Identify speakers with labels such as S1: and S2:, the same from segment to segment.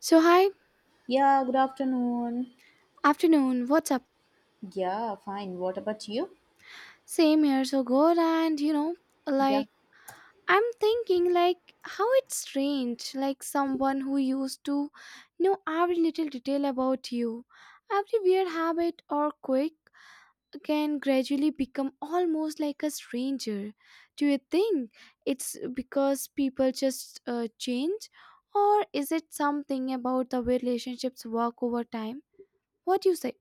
S1: So, hi,
S2: Yeah, good afternoon.
S1: afternoon, what's up?
S2: Yeah, fine. What about you?
S1: Same here, so good. And you know,
S2: Yeah.
S1: like, I'm thinking, how it's strange, someone who used to know every little detail about you, every weird habit or quirk can gradually become almost like a stranger. Do you think it's because people just change, or is it something about the way relationships work over time? What do you say?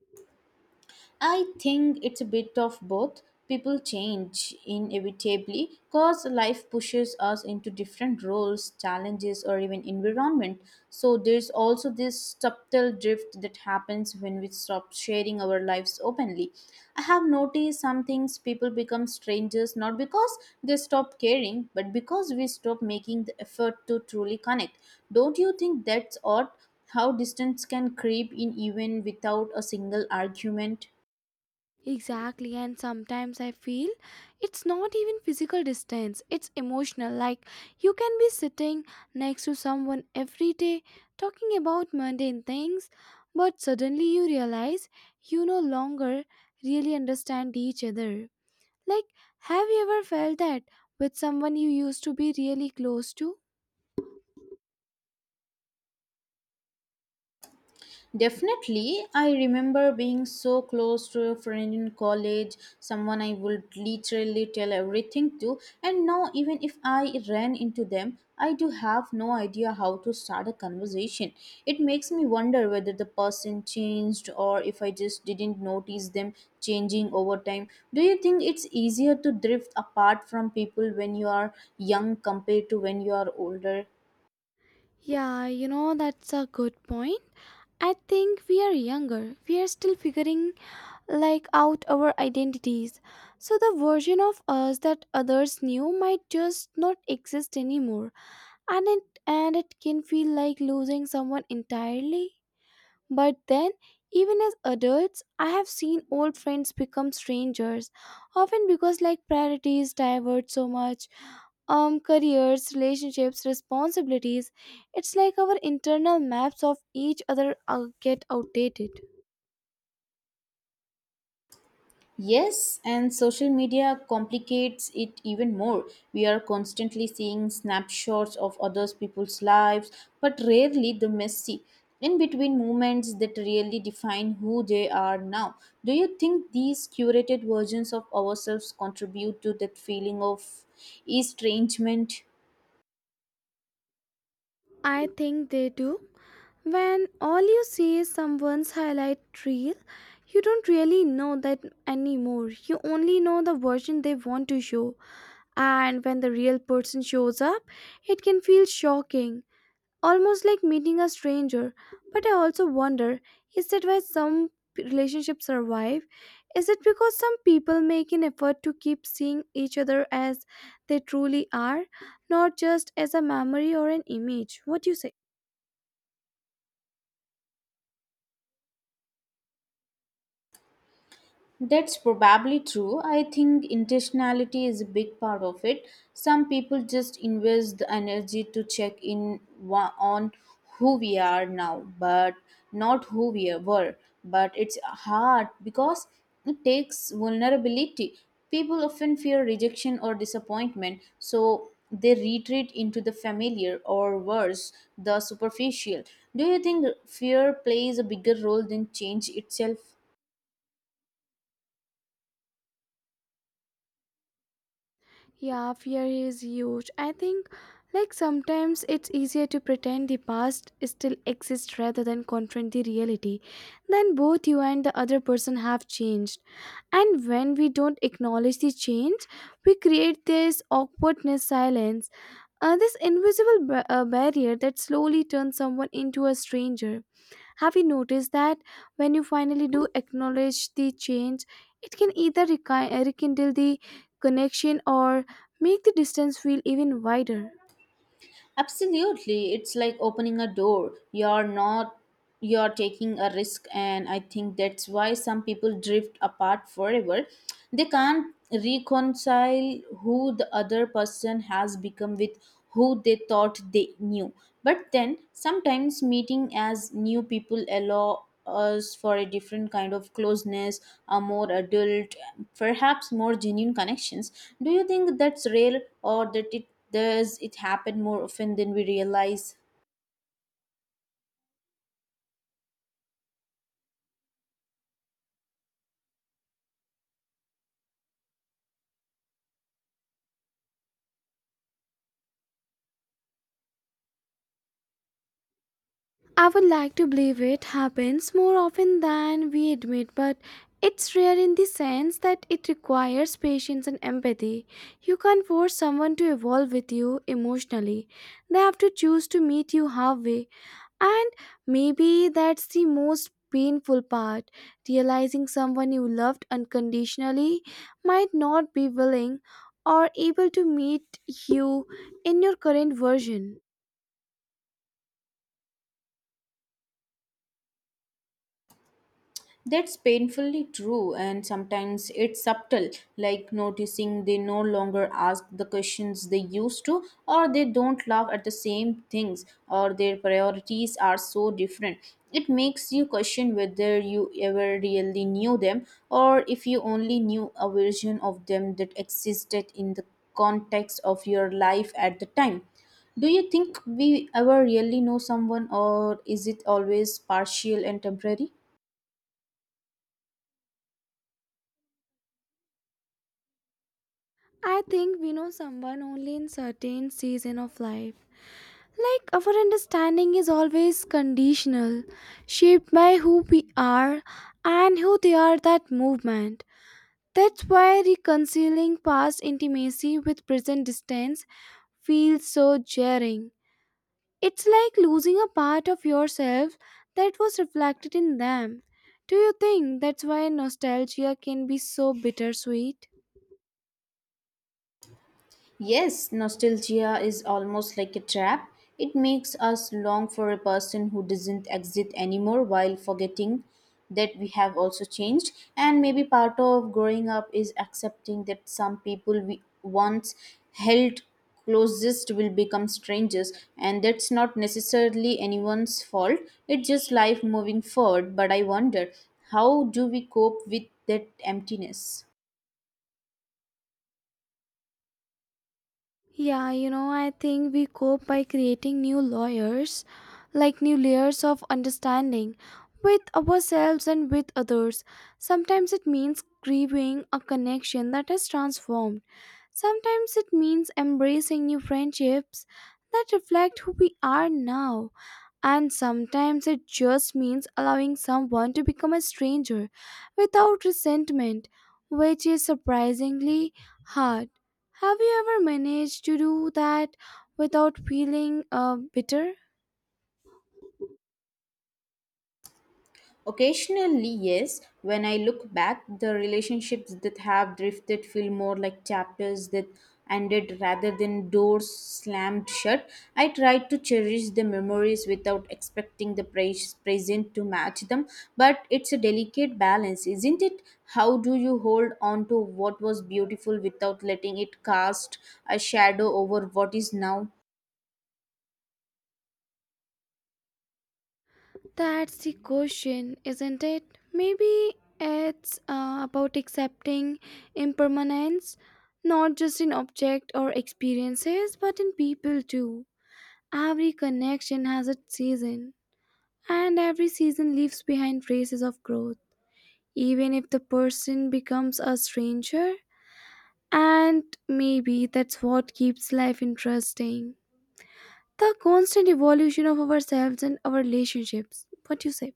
S2: I think it's a bit of both. People change inevitably because life pushes us into different roles, challenges, or even environment. So there's also this subtle drift that happens when we stop sharing our lives openly. I have noticed some things people become strangers not because they stop caring, but because we stop making the effort to truly connect. Don't you think that's odd? How distance can creep in even without a single argument?
S1: Exactly, and sometimes I feel it's not even physical distance, it's emotional. Like you can be sitting next to someone every day talking about mundane things, but suddenly you realize you no longer really understand each other. Like, have you ever felt that with someone you used to be really close to?
S2: Definitely, I remember being so close to a friend in college, someone I would literally tell everything to, and now even if I ran into them, I do have no idea how to start a conversation. It makes me wonder whether the person changed or if I just didn't notice them changing over time. Do you think it's easier to drift apart from people when you are young compared to when you are older?
S1: Yeah, you know, that's a good point. I think we are younger. We are still figuring like out our identities. So the version of us that others knew might just not exist anymore. And it can feel like losing someone entirely. But then even as adults, I have seen old friends become strangers, often because like priorities divert so much, careers, relationships, responsibilities. It's like our internal maps of each other get outdated.
S2: Yes, and social media complicates it even more. We are constantly seeing snapshots of other people's lives, but rarely the messy in between moments that really define who they are now. Do you think these curated versions of ourselves contribute to that feeling of estrangement?
S1: I think they do. When all you see is someone's highlight reel, you don't really know that anymore. You only know the version they want to show. And when the real person shows up, it can feel shocking, almost like meeting a stranger. But I also wonder is that why some relationships survive? Is it because some people make an effort to keep seeing each other as they truly are, not just as a memory or an image? What do you say?
S2: That's probably true. I think intentionality is a big part of it. Some people just invest the energy to check in on who we are now, but not who we were. But it's hard because it takes vulnerability. People often fear rejection or disappointment, so they retreat into the familiar or worse, the superficial. Do you think fear plays a bigger role than change itself?
S1: Yeah, fear is huge. I think, like, sometimes it's easier to pretend the past still exists rather than confront the reality. Then both you and the other person have changed. And when we don't acknowledge the change, we create this awkwardness silence, this invisible barrier that slowly turns someone into a stranger. Have you noticed that when you finally do acknowledge the change, it can either rekindle the connection or make the distance feel even wider?
S2: Absolutely. It's like opening a door. You're not You're taking a risk, and I think that's why some people drift apart forever. They can't reconcile who the other person has become with who they thought they knew. But then sometimes meeting as new people allow us for a different kind of closeness, a more adult, perhaps more genuine connections. Do you think that's rare or that it Thus, it happened more often than we realize.
S1: I would like to believe it happens more often than we admit, but it's rare in the sense that it requires patience and empathy. You can't force someone to evolve with you emotionally, they have to choose to meet you halfway. And maybe that's the most painful part realizing someone you loved unconditionally might not be willing or able to meet you in your current version.
S2: That's painfully true, and sometimes it's subtle, like noticing they no longer ask the questions they used to, or they don't laugh at the same things, or their priorities are so different. It makes you question whether you ever really knew them, or if you only knew a version of them that existed in the context of your life at the time. Do you think we ever really know someone, or is it always partial and temporary?
S1: I think we know someone only in certain season of life. Like our understanding is always conditional, shaped by who we are and who they are that movement. That's why reconciling past intimacy with present distance feels so jarring. It's like losing a part of yourself that was reflected in them. Do you think that's why nostalgia can be so bittersweet?
S2: Yes, nostalgia is almost like a trap. It makes us long for a person who doesn't exist anymore while forgetting that we have also changed. And maybe part of growing up is accepting that some people we once held closest will become strangers, and that's not necessarily anyone's fault. It's just life moving forward. But I wonder, how do we cope with that emptiness?
S1: Yeah, you know, I think we cope by creating new layers, like new layers of understanding with ourselves and with others. Sometimes it means grieving a connection that has transformed. Sometimes it means embracing new friendships that reflect who we are now. And sometimes it just means allowing someone to become a stranger without resentment, which is surprisingly hard. Have you ever managed to do that without feeling bitter?
S2: Occasionally, yes, when I look back, the relationships that have drifted feel more like chapters that ended rather than doors slammed shut. I try to cherish the memories without expecting the praise, present to match them, but it's a delicate balance, isn't it? How do you hold on to what was beautiful without letting it cast a shadow over what is now?
S1: That's the question, isn't it? Maybe it's about accepting impermanence, not just in object or experiences, but in people too. Every connection has its season, and every season leaves behind traces of growth, even if the person becomes a stranger. And maybe that's what keeps life interesting the constant evolution of ourselves and our relationships. What you say?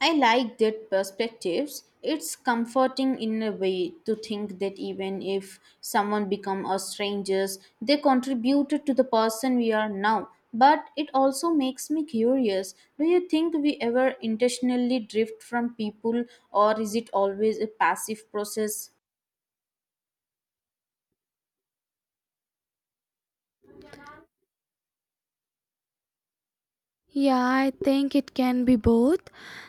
S2: I like that perspectives. It's comforting in a way to think that even if someone become a strangers, they contributed to the person we are now. But it also makes me curious. Do you think we ever intentionally drift from people, or is it always a passive process?
S1: Yeah, I think it can be both.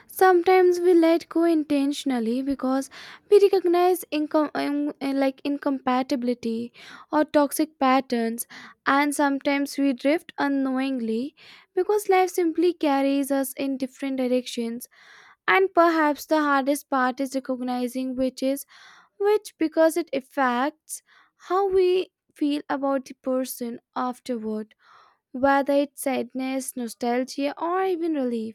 S1: Sometimes we let go intentionally because we recognize incompatibility or toxic patterns, and sometimes we drift unknowingly because life simply carries us in different directions. And perhaps the hardest part is recognizing which is which because it affects how we feel about the person afterward, whether it's sadness, nostalgia, or even relief.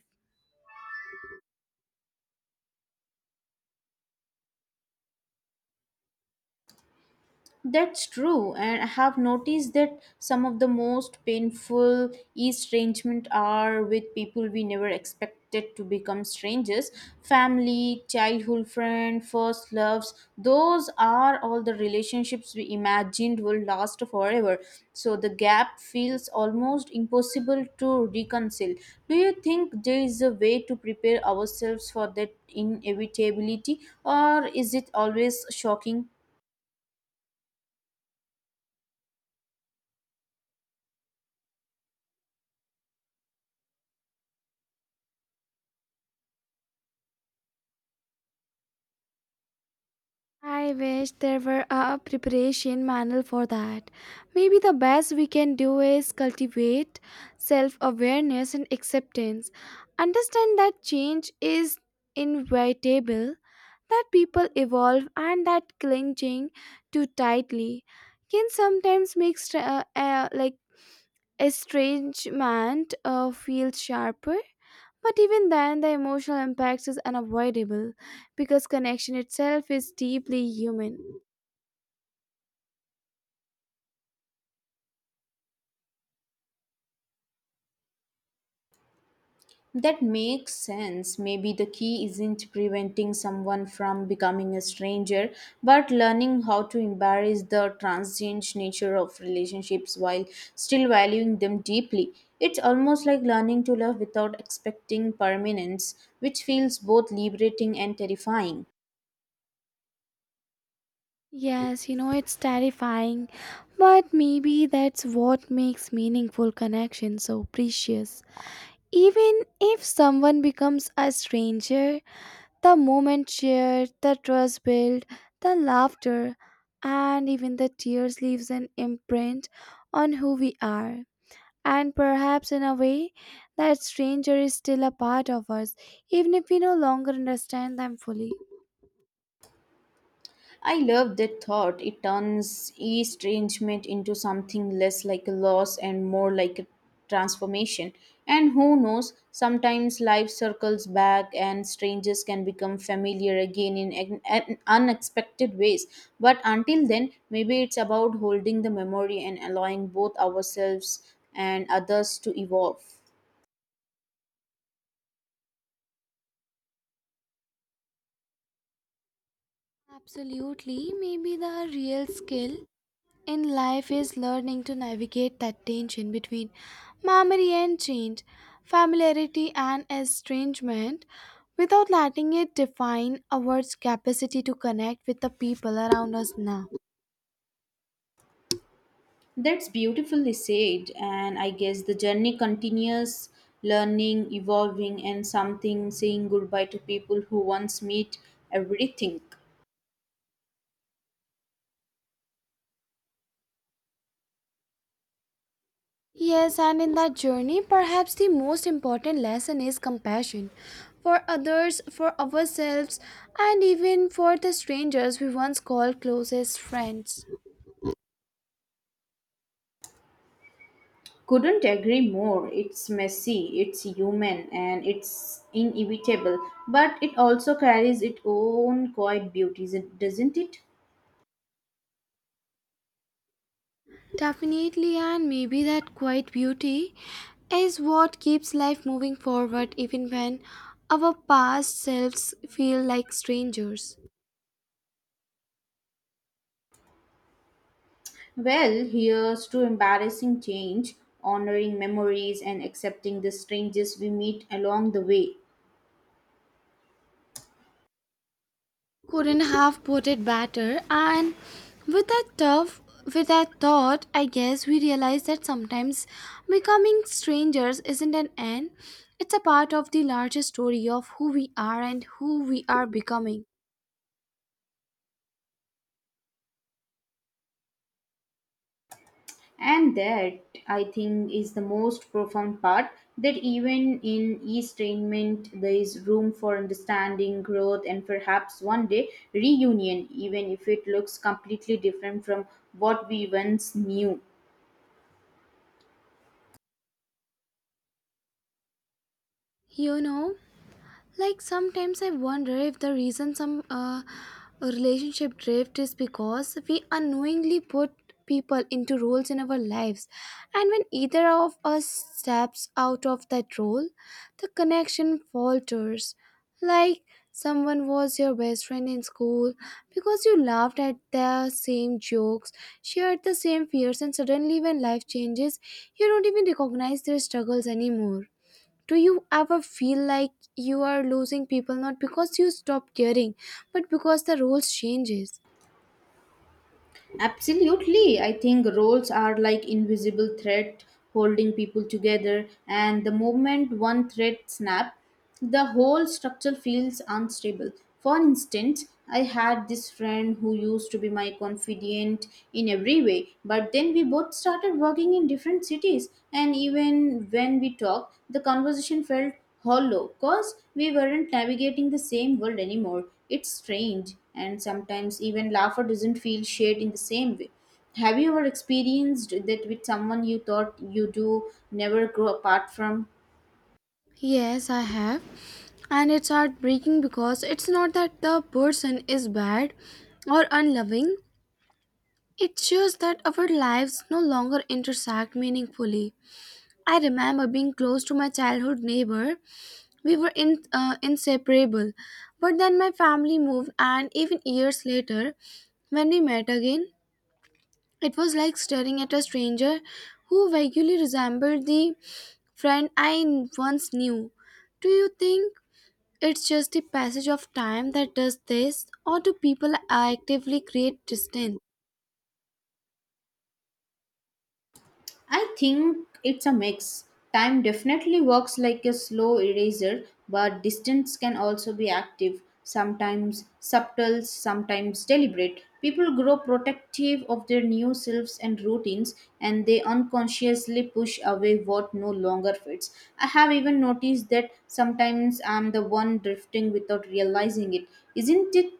S2: That's true, and I have noticed that some of the most painful estrangement are with people we never expected to become strangers. Family, childhood friend, first loves, those are all the relationships we imagined will last forever. So the gap feels almost impossible to reconcile. Do you think there is a way to prepare ourselves for that inevitability, or is it always shocking?
S1: I wish there were a preparation manual for that. Maybe the best we can do is cultivate self awareness and acceptance. Understand that change is inevitable, that people evolve, and that clinging too tightly can sometimes make estrangement feels sharper, but even then the emotional impact is unavoidable because connection itself is deeply human.
S2: That makes sense. Maybe the key isn't preventing someone from becoming a stranger, but learning how to embrace the transient nature of relationships while still valuing them deeply. It's almost like learning to love without expecting permanence, which feels both liberating and terrifying.
S1: Yes, you know, it's terrifying, but maybe that's what makes meaningful connection so precious. Even if someone becomes a stranger, the moment shared, the trust built, the laughter, and even the tears leaves an imprint on who we are. And perhaps in a way, that stranger is still a part of us, even if we no longer understand them fully.
S2: I love that thought. It turns estrangement into something less like a loss and more like a transformation. And who knows, sometimes life circles back and strangers can become familiar again in an unexpected ways. But until then, maybe it's about holding the memory and allowing both ourselves and others to evolve.
S1: Absolutely, maybe the real skill in life is learning to navigate that tension between memory and change, familiarity and estrangement, without letting it define our capacity to connect with the people around us now.
S2: That's beautifully said, and I guess the journey continues, learning, evolving, and something saying goodbye to people who once meet everything.
S1: Yes, and in that journey, perhaps the most important lesson is compassion for others, for ourselves, and even for the strangers we once called closest friends.
S2: Couldn't agree more. It's messy, it's human, and it's inevitable, but it also carries its own quiet beauties, doesn't it?
S1: Definitely, and maybe that quiet beauty is what keeps life moving forward even when our past selves feel like strangers.
S2: Well, here's to embarrassing change, honoring memories, and accepting the strangers we meet along the way.
S1: Couldn't have put it better, and with that tough with that thought, I guess we realize that sometimes becoming strangers isn't an end, it's a part of the larger story of who we are and who we are becoming.
S2: And that, I think, is the most profound part that even in estrangement, there is room for understanding, growth, and perhaps one day reunion, even if it looks completely different from what we once knew.
S1: You know, like sometimes I wonder if the reason some relationship drift is because we unknowingly put people into roles in our lives, and when either of us steps out of that role, the connection falters. Like, someone was your best friend in school because you laughed at the same jokes, shared the same fears, and suddenly when life changes you don't even recognize their struggles anymore. Do you ever feel like you are losing people not because you stop caring, but because the rules changes?
S2: Absolutely. I think roles are like invisible thread holding people together, and the moment one thread snap, the whole structure feels unstable. For instance, I had this friend who used to be my confidant in every way, but then we both started working in different cities, and even when we talked, the conversation felt hollow because we weren't navigating the same world anymore. It's strange, and sometimes even laughter doesn't feel shared in the same way. Have you ever experienced that with someone you thought you do never grow apart from?
S1: Yes, I have. And it's heartbreaking because it's not that the person is bad or unloving. It's just that our lives no longer intersect meaningfully. I remember being close to my childhood neighbor. We were inseparable. But then my family moved, and even years later, when we met again, it was like staring at a stranger who vaguely resembled the friend I once knew. Do you think it's just the passage of time that does this, or do people actively create distance?
S2: I think it's a mix. Time definitely works like a slow eraser, but distance can also be active, sometimes subtle, sometimes deliberate. People grow protective of their new selves and routines, and they unconsciously push away what no longer fits. I have even noticed that sometimes I'm the one drifting without realizing it. Isn't it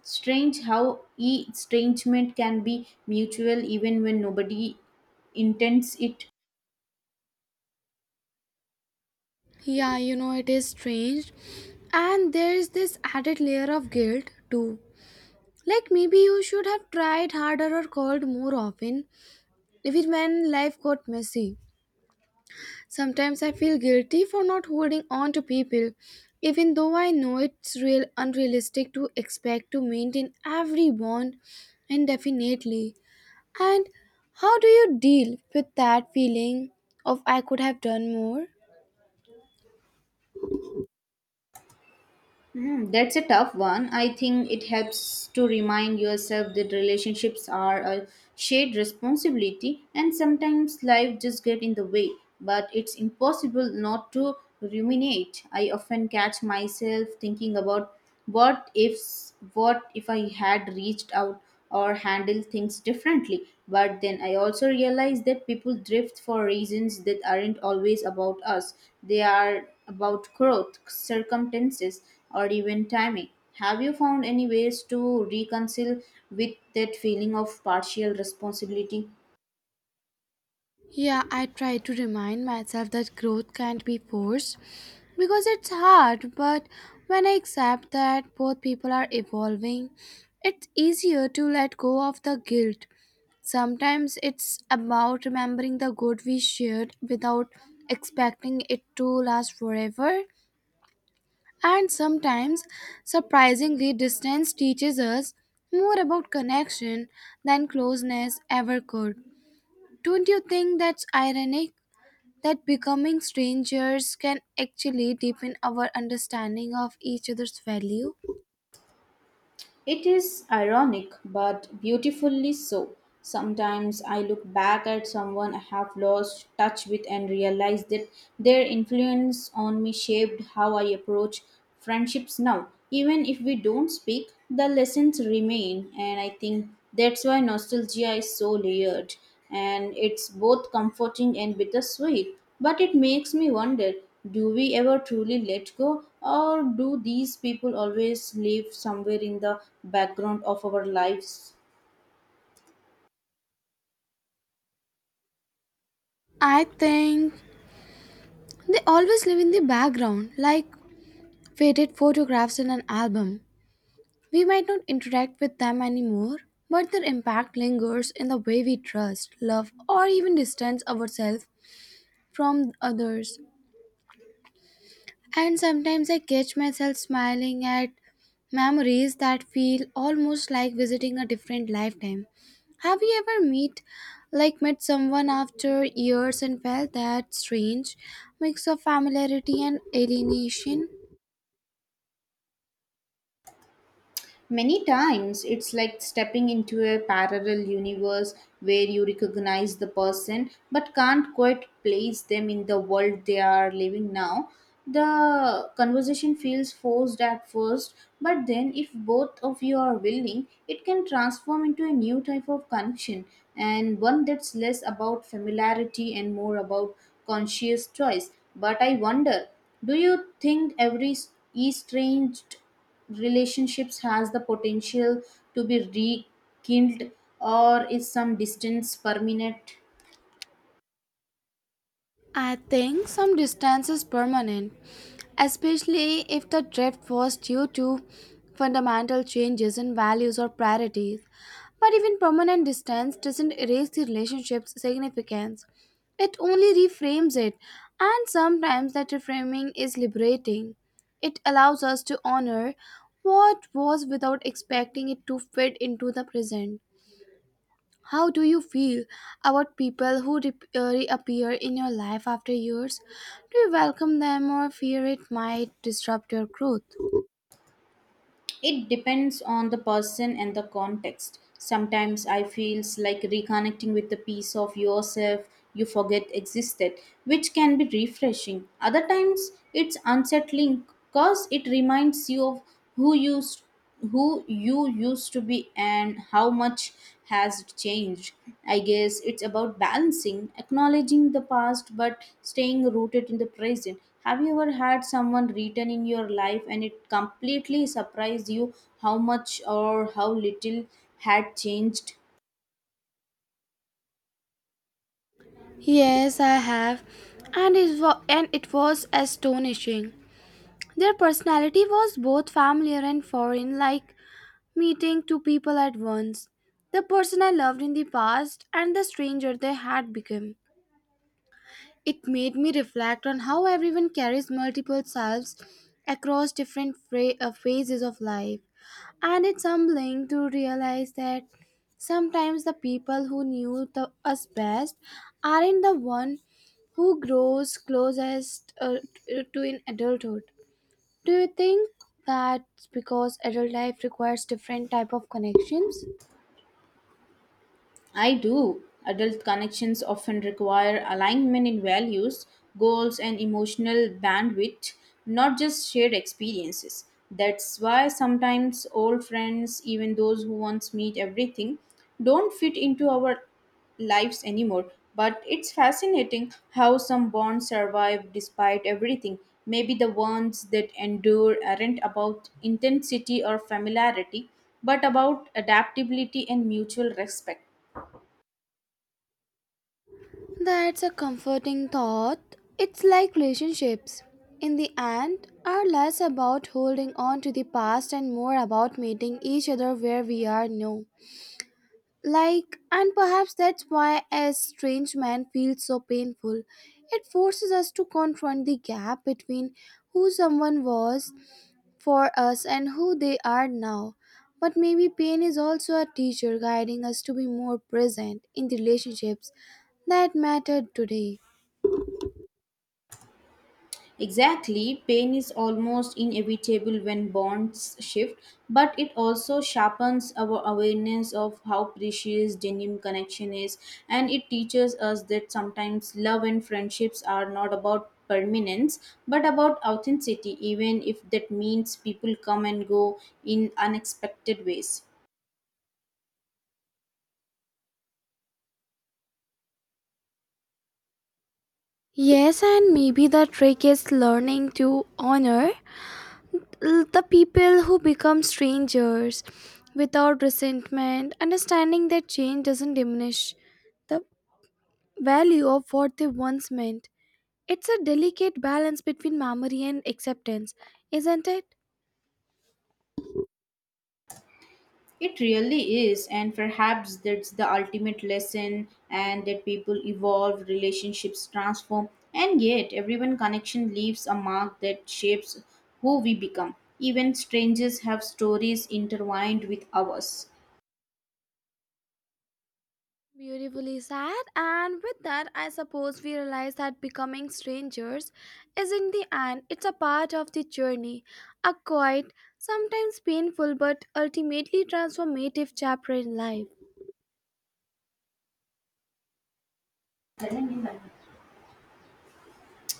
S2: strange how estrangement can be mutual even when nobody intends it.
S1: Yeah, you know, it is strange. And there is this added layer of guilt too. Like maybe you should have tried harder or called more often, even when life got messy. Sometimes I feel guilty for not holding on to people, even though I know it's real unrealistic to expect to maintain every bond indefinitely. And how do you deal with that feeling of I could have done more?
S2: Hmm, that's a tough one. I think it helps to remind yourself that relationships are a shared responsibility and sometimes life just gets in the way, but it's impossible not to ruminate. I often catch myself thinking about what if what if I had reached out or handle things differently. But then I also realize that people drift for reasons that aren't always about us, they are about growth, circumstances, or even timing. Have you found any ways to reconcile with that feeling of partial responsibility?
S1: Yeah, I try to remind myself that growth can't be forced because it's hard, but when I accept that both people are evolving, it's easier to let go of the guilt. Sometimes it's about remembering the good we shared without expecting it to last forever. And sometimes, surprisingly, distance teaches us more about connection than closeness ever could. Don't you think that's ironic? That becoming strangers can actually deepen our understanding of each other's value?
S2: It is ironic, but beautifully so. Sometimes I look back at someone I have lost touch with and realize that their influence on me shaped how I approach friendships now. Even if we don't speak, the lessons remain, and I think that's why nostalgia is so layered, and it's both comforting and bittersweet. But it makes me wonder, do we ever truly let go, or do these people always live somewhere in the background of our lives?
S1: I think they always live in the background, like faded photographs in an album. We might not interact with them anymore, but their impact lingers in the way we trust, love, or even distance ourselves from others. And sometimes I catch myself smiling at memories that feel almost like visiting a different lifetime. Have you ever met someone after years and felt that strange mix of familiarity and alienation?
S2: Many times it's like stepping into a parallel universe where you recognize the person but can't quite place them in the world they are living now. The conversation feels forced at first, but then if both of you are willing, it can transform into a new type of connection, and one that's less about familiarity and more about conscious choice. But I wonder, do you think every estranged relationships has the potential to be rekindled, or is some distance permanent?
S1: I think some distance is permanent, especially if the drift was due to fundamental changes in values or priorities. But even permanent distance doesn't erase the relationship's significance, it only reframes it, and sometimes that reframing is liberating. It allows us to honor what was without expecting it to fit into the present. How do you feel about people who reappear in your life after years? Do you welcome them or fear it might disrupt your growth?
S2: It depends on the person and the context. Sometimes I feels like reconnecting with the piece of yourself you forget existed, which can be refreshing. Other times it's unsettling, cause it reminds you of who you who you used to be and how much has it changed. I guess it's about balancing acknowledging the past but staying rooted in the present. Have you ever had someone return in your life and it completely surprised you how much or how little had changed?
S1: Yes, I have, and it was astonishing. Their personality was both familiar and foreign, like meeting two people at once. The person I loved in the past and the stranger they had become. It made me reflect on how everyone carries multiple selves across different phases of life. And it's humbling to realize that sometimes the people who knew the, us best aren't the one who grows closest to in adulthood. Do you think that's because adult life requires different type of connections?
S2: I do. Adult connections often require alignment in values, goals, and emotional bandwidth, not just shared experiences. That's why sometimes old friends, even those who once meet everything, don't fit into our lives anymore. But it's fascinating how some bonds survive despite everything. Maybe the ones that endure aren't about intensity or familiarity, but about adaptability and mutual respect.
S1: That's a comforting thought. It's like relationships. In the end, are less about holding on to the past and more about meeting each other where we are now. Like, and perhaps that's why estrangement feels so painful. It forces us to confront the gap between who someone was for us and who they are now. But maybe pain is also a teacher guiding us to be more present in the relationships that matter today.
S2: Exactly, pain is almost inevitable when bonds shift, but it also sharpens our awareness of how precious genuine connection is, and it teaches us that sometimes love and friendships are not about permanence but about authenticity, even if that means people come and go in unexpected ways.
S1: Yes, and maybe the trick is learning to honor the people who become strangers without resentment, understanding that change doesn't diminish the value of what they once meant. It's a delicate balance between memory and acceptance, isn't it?
S2: It really is, and perhaps that's the ultimate lesson, and that people evolve, relationships transform, and yet everyone connection leaves a mark that shapes who we become. Even strangers have stories intertwined with ours.
S1: Beautifully said, and with that, I suppose we realize that becoming strangers isn't the end, it's a part of the journey, a quiet, sometimes painful, but ultimately transformative chapter in life.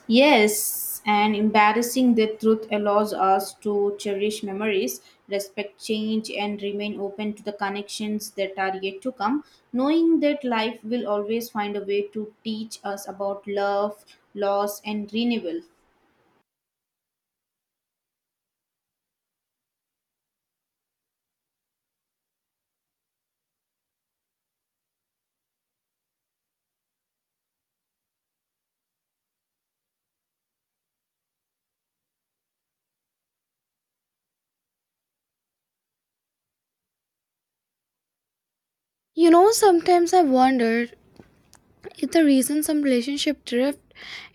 S2: Yes, and embarrassing the truth allows us to cherish memories, respect change, and remain open to the connections that are yet to come, knowing that life will always find a way to teach us about love, loss, and renewal.
S1: You know, sometimes I wondered if the reason some relationship drift,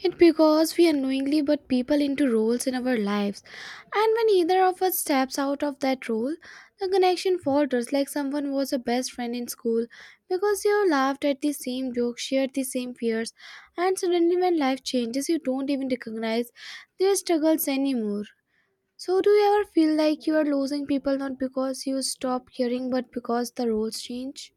S1: it because we unknowingly put people into roles in our lives, and when either of us steps out of that role, the connection falters. Like someone was a best friend in school because you laughed at the same jokes, shared the same fears, and suddenly when life changes, you don't even recognize their struggles anymore. So, do you ever feel like you are losing people not because you stop caring, but because the roles change?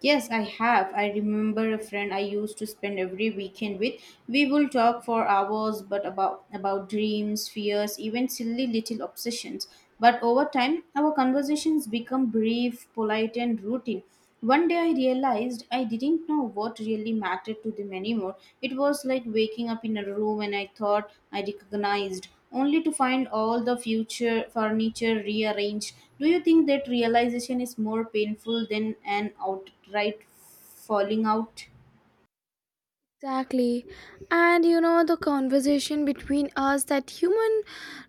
S2: Yes, I have. I remember a friend I used to spend every weekend with. We will talk for hours but about dreams, fears, even silly little obsessions. But over time, our conversations become brief, polite and routine. One day I realized I didn't know what really mattered to them anymore. It was like waking up in a room and I thought I recognized only to find all the future furniture rearranged. Do you think that realization is more painful than an outright falling out?
S1: Exactly. And you know, the conversation between us that human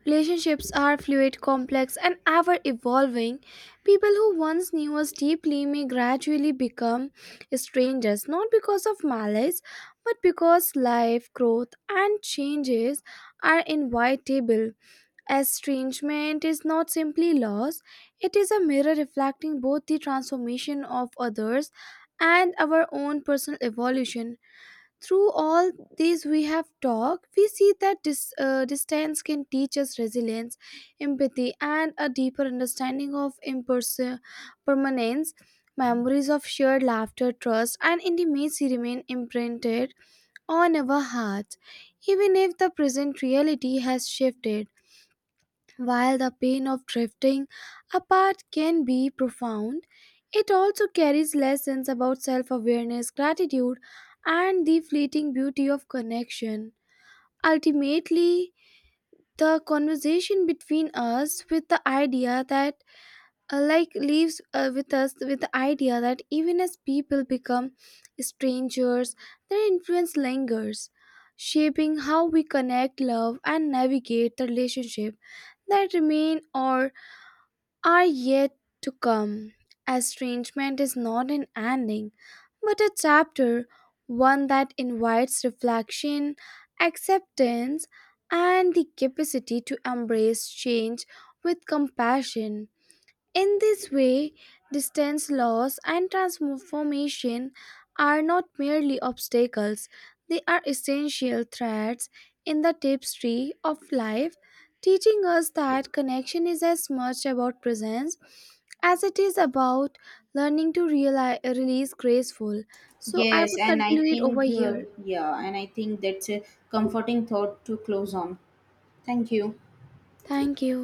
S1: relationships are fluid, complex, and ever evolving. People who once knew us deeply may gradually become strangers, not because of malice, but because life, growth, and changes are inevitable. Estrangement is not simply loss, it is a mirror reflecting both the transformation of others and our own personal evolution. Through all these we have talked, we see that distance can teach us resilience, empathy, and a deeper understanding of permanence. Memories of shared laughter, trust, and intimacy remain imprinted on our hearts, even if the present reality has shifted. While the pain of drifting apart can be profound, it also carries lessons about self awareness, gratitude, and the fleeting beauty of connection. Ultimately, the conversation between us with the idea that leaves with us with the idea that even as people become strangers, their influence lingers, shaping how we connect, love, and navigate the relationship that remain or are yet to come. Estrangement is not an ending, but a chapter, one that invites reflection, acceptance, and the capacity to embrace change with compassion. In this way, distance loss and transformation are not merely obstacles, they are essential threads in the tapestry of life, teaching us that connection is as much about presence as it is about learning to realize, release graceful. So I
S2: Yes,
S1: would
S2: and I
S1: conclude over
S2: think,
S1: here.
S2: that's a comforting thought to close on. Thank you.
S1: Thank you.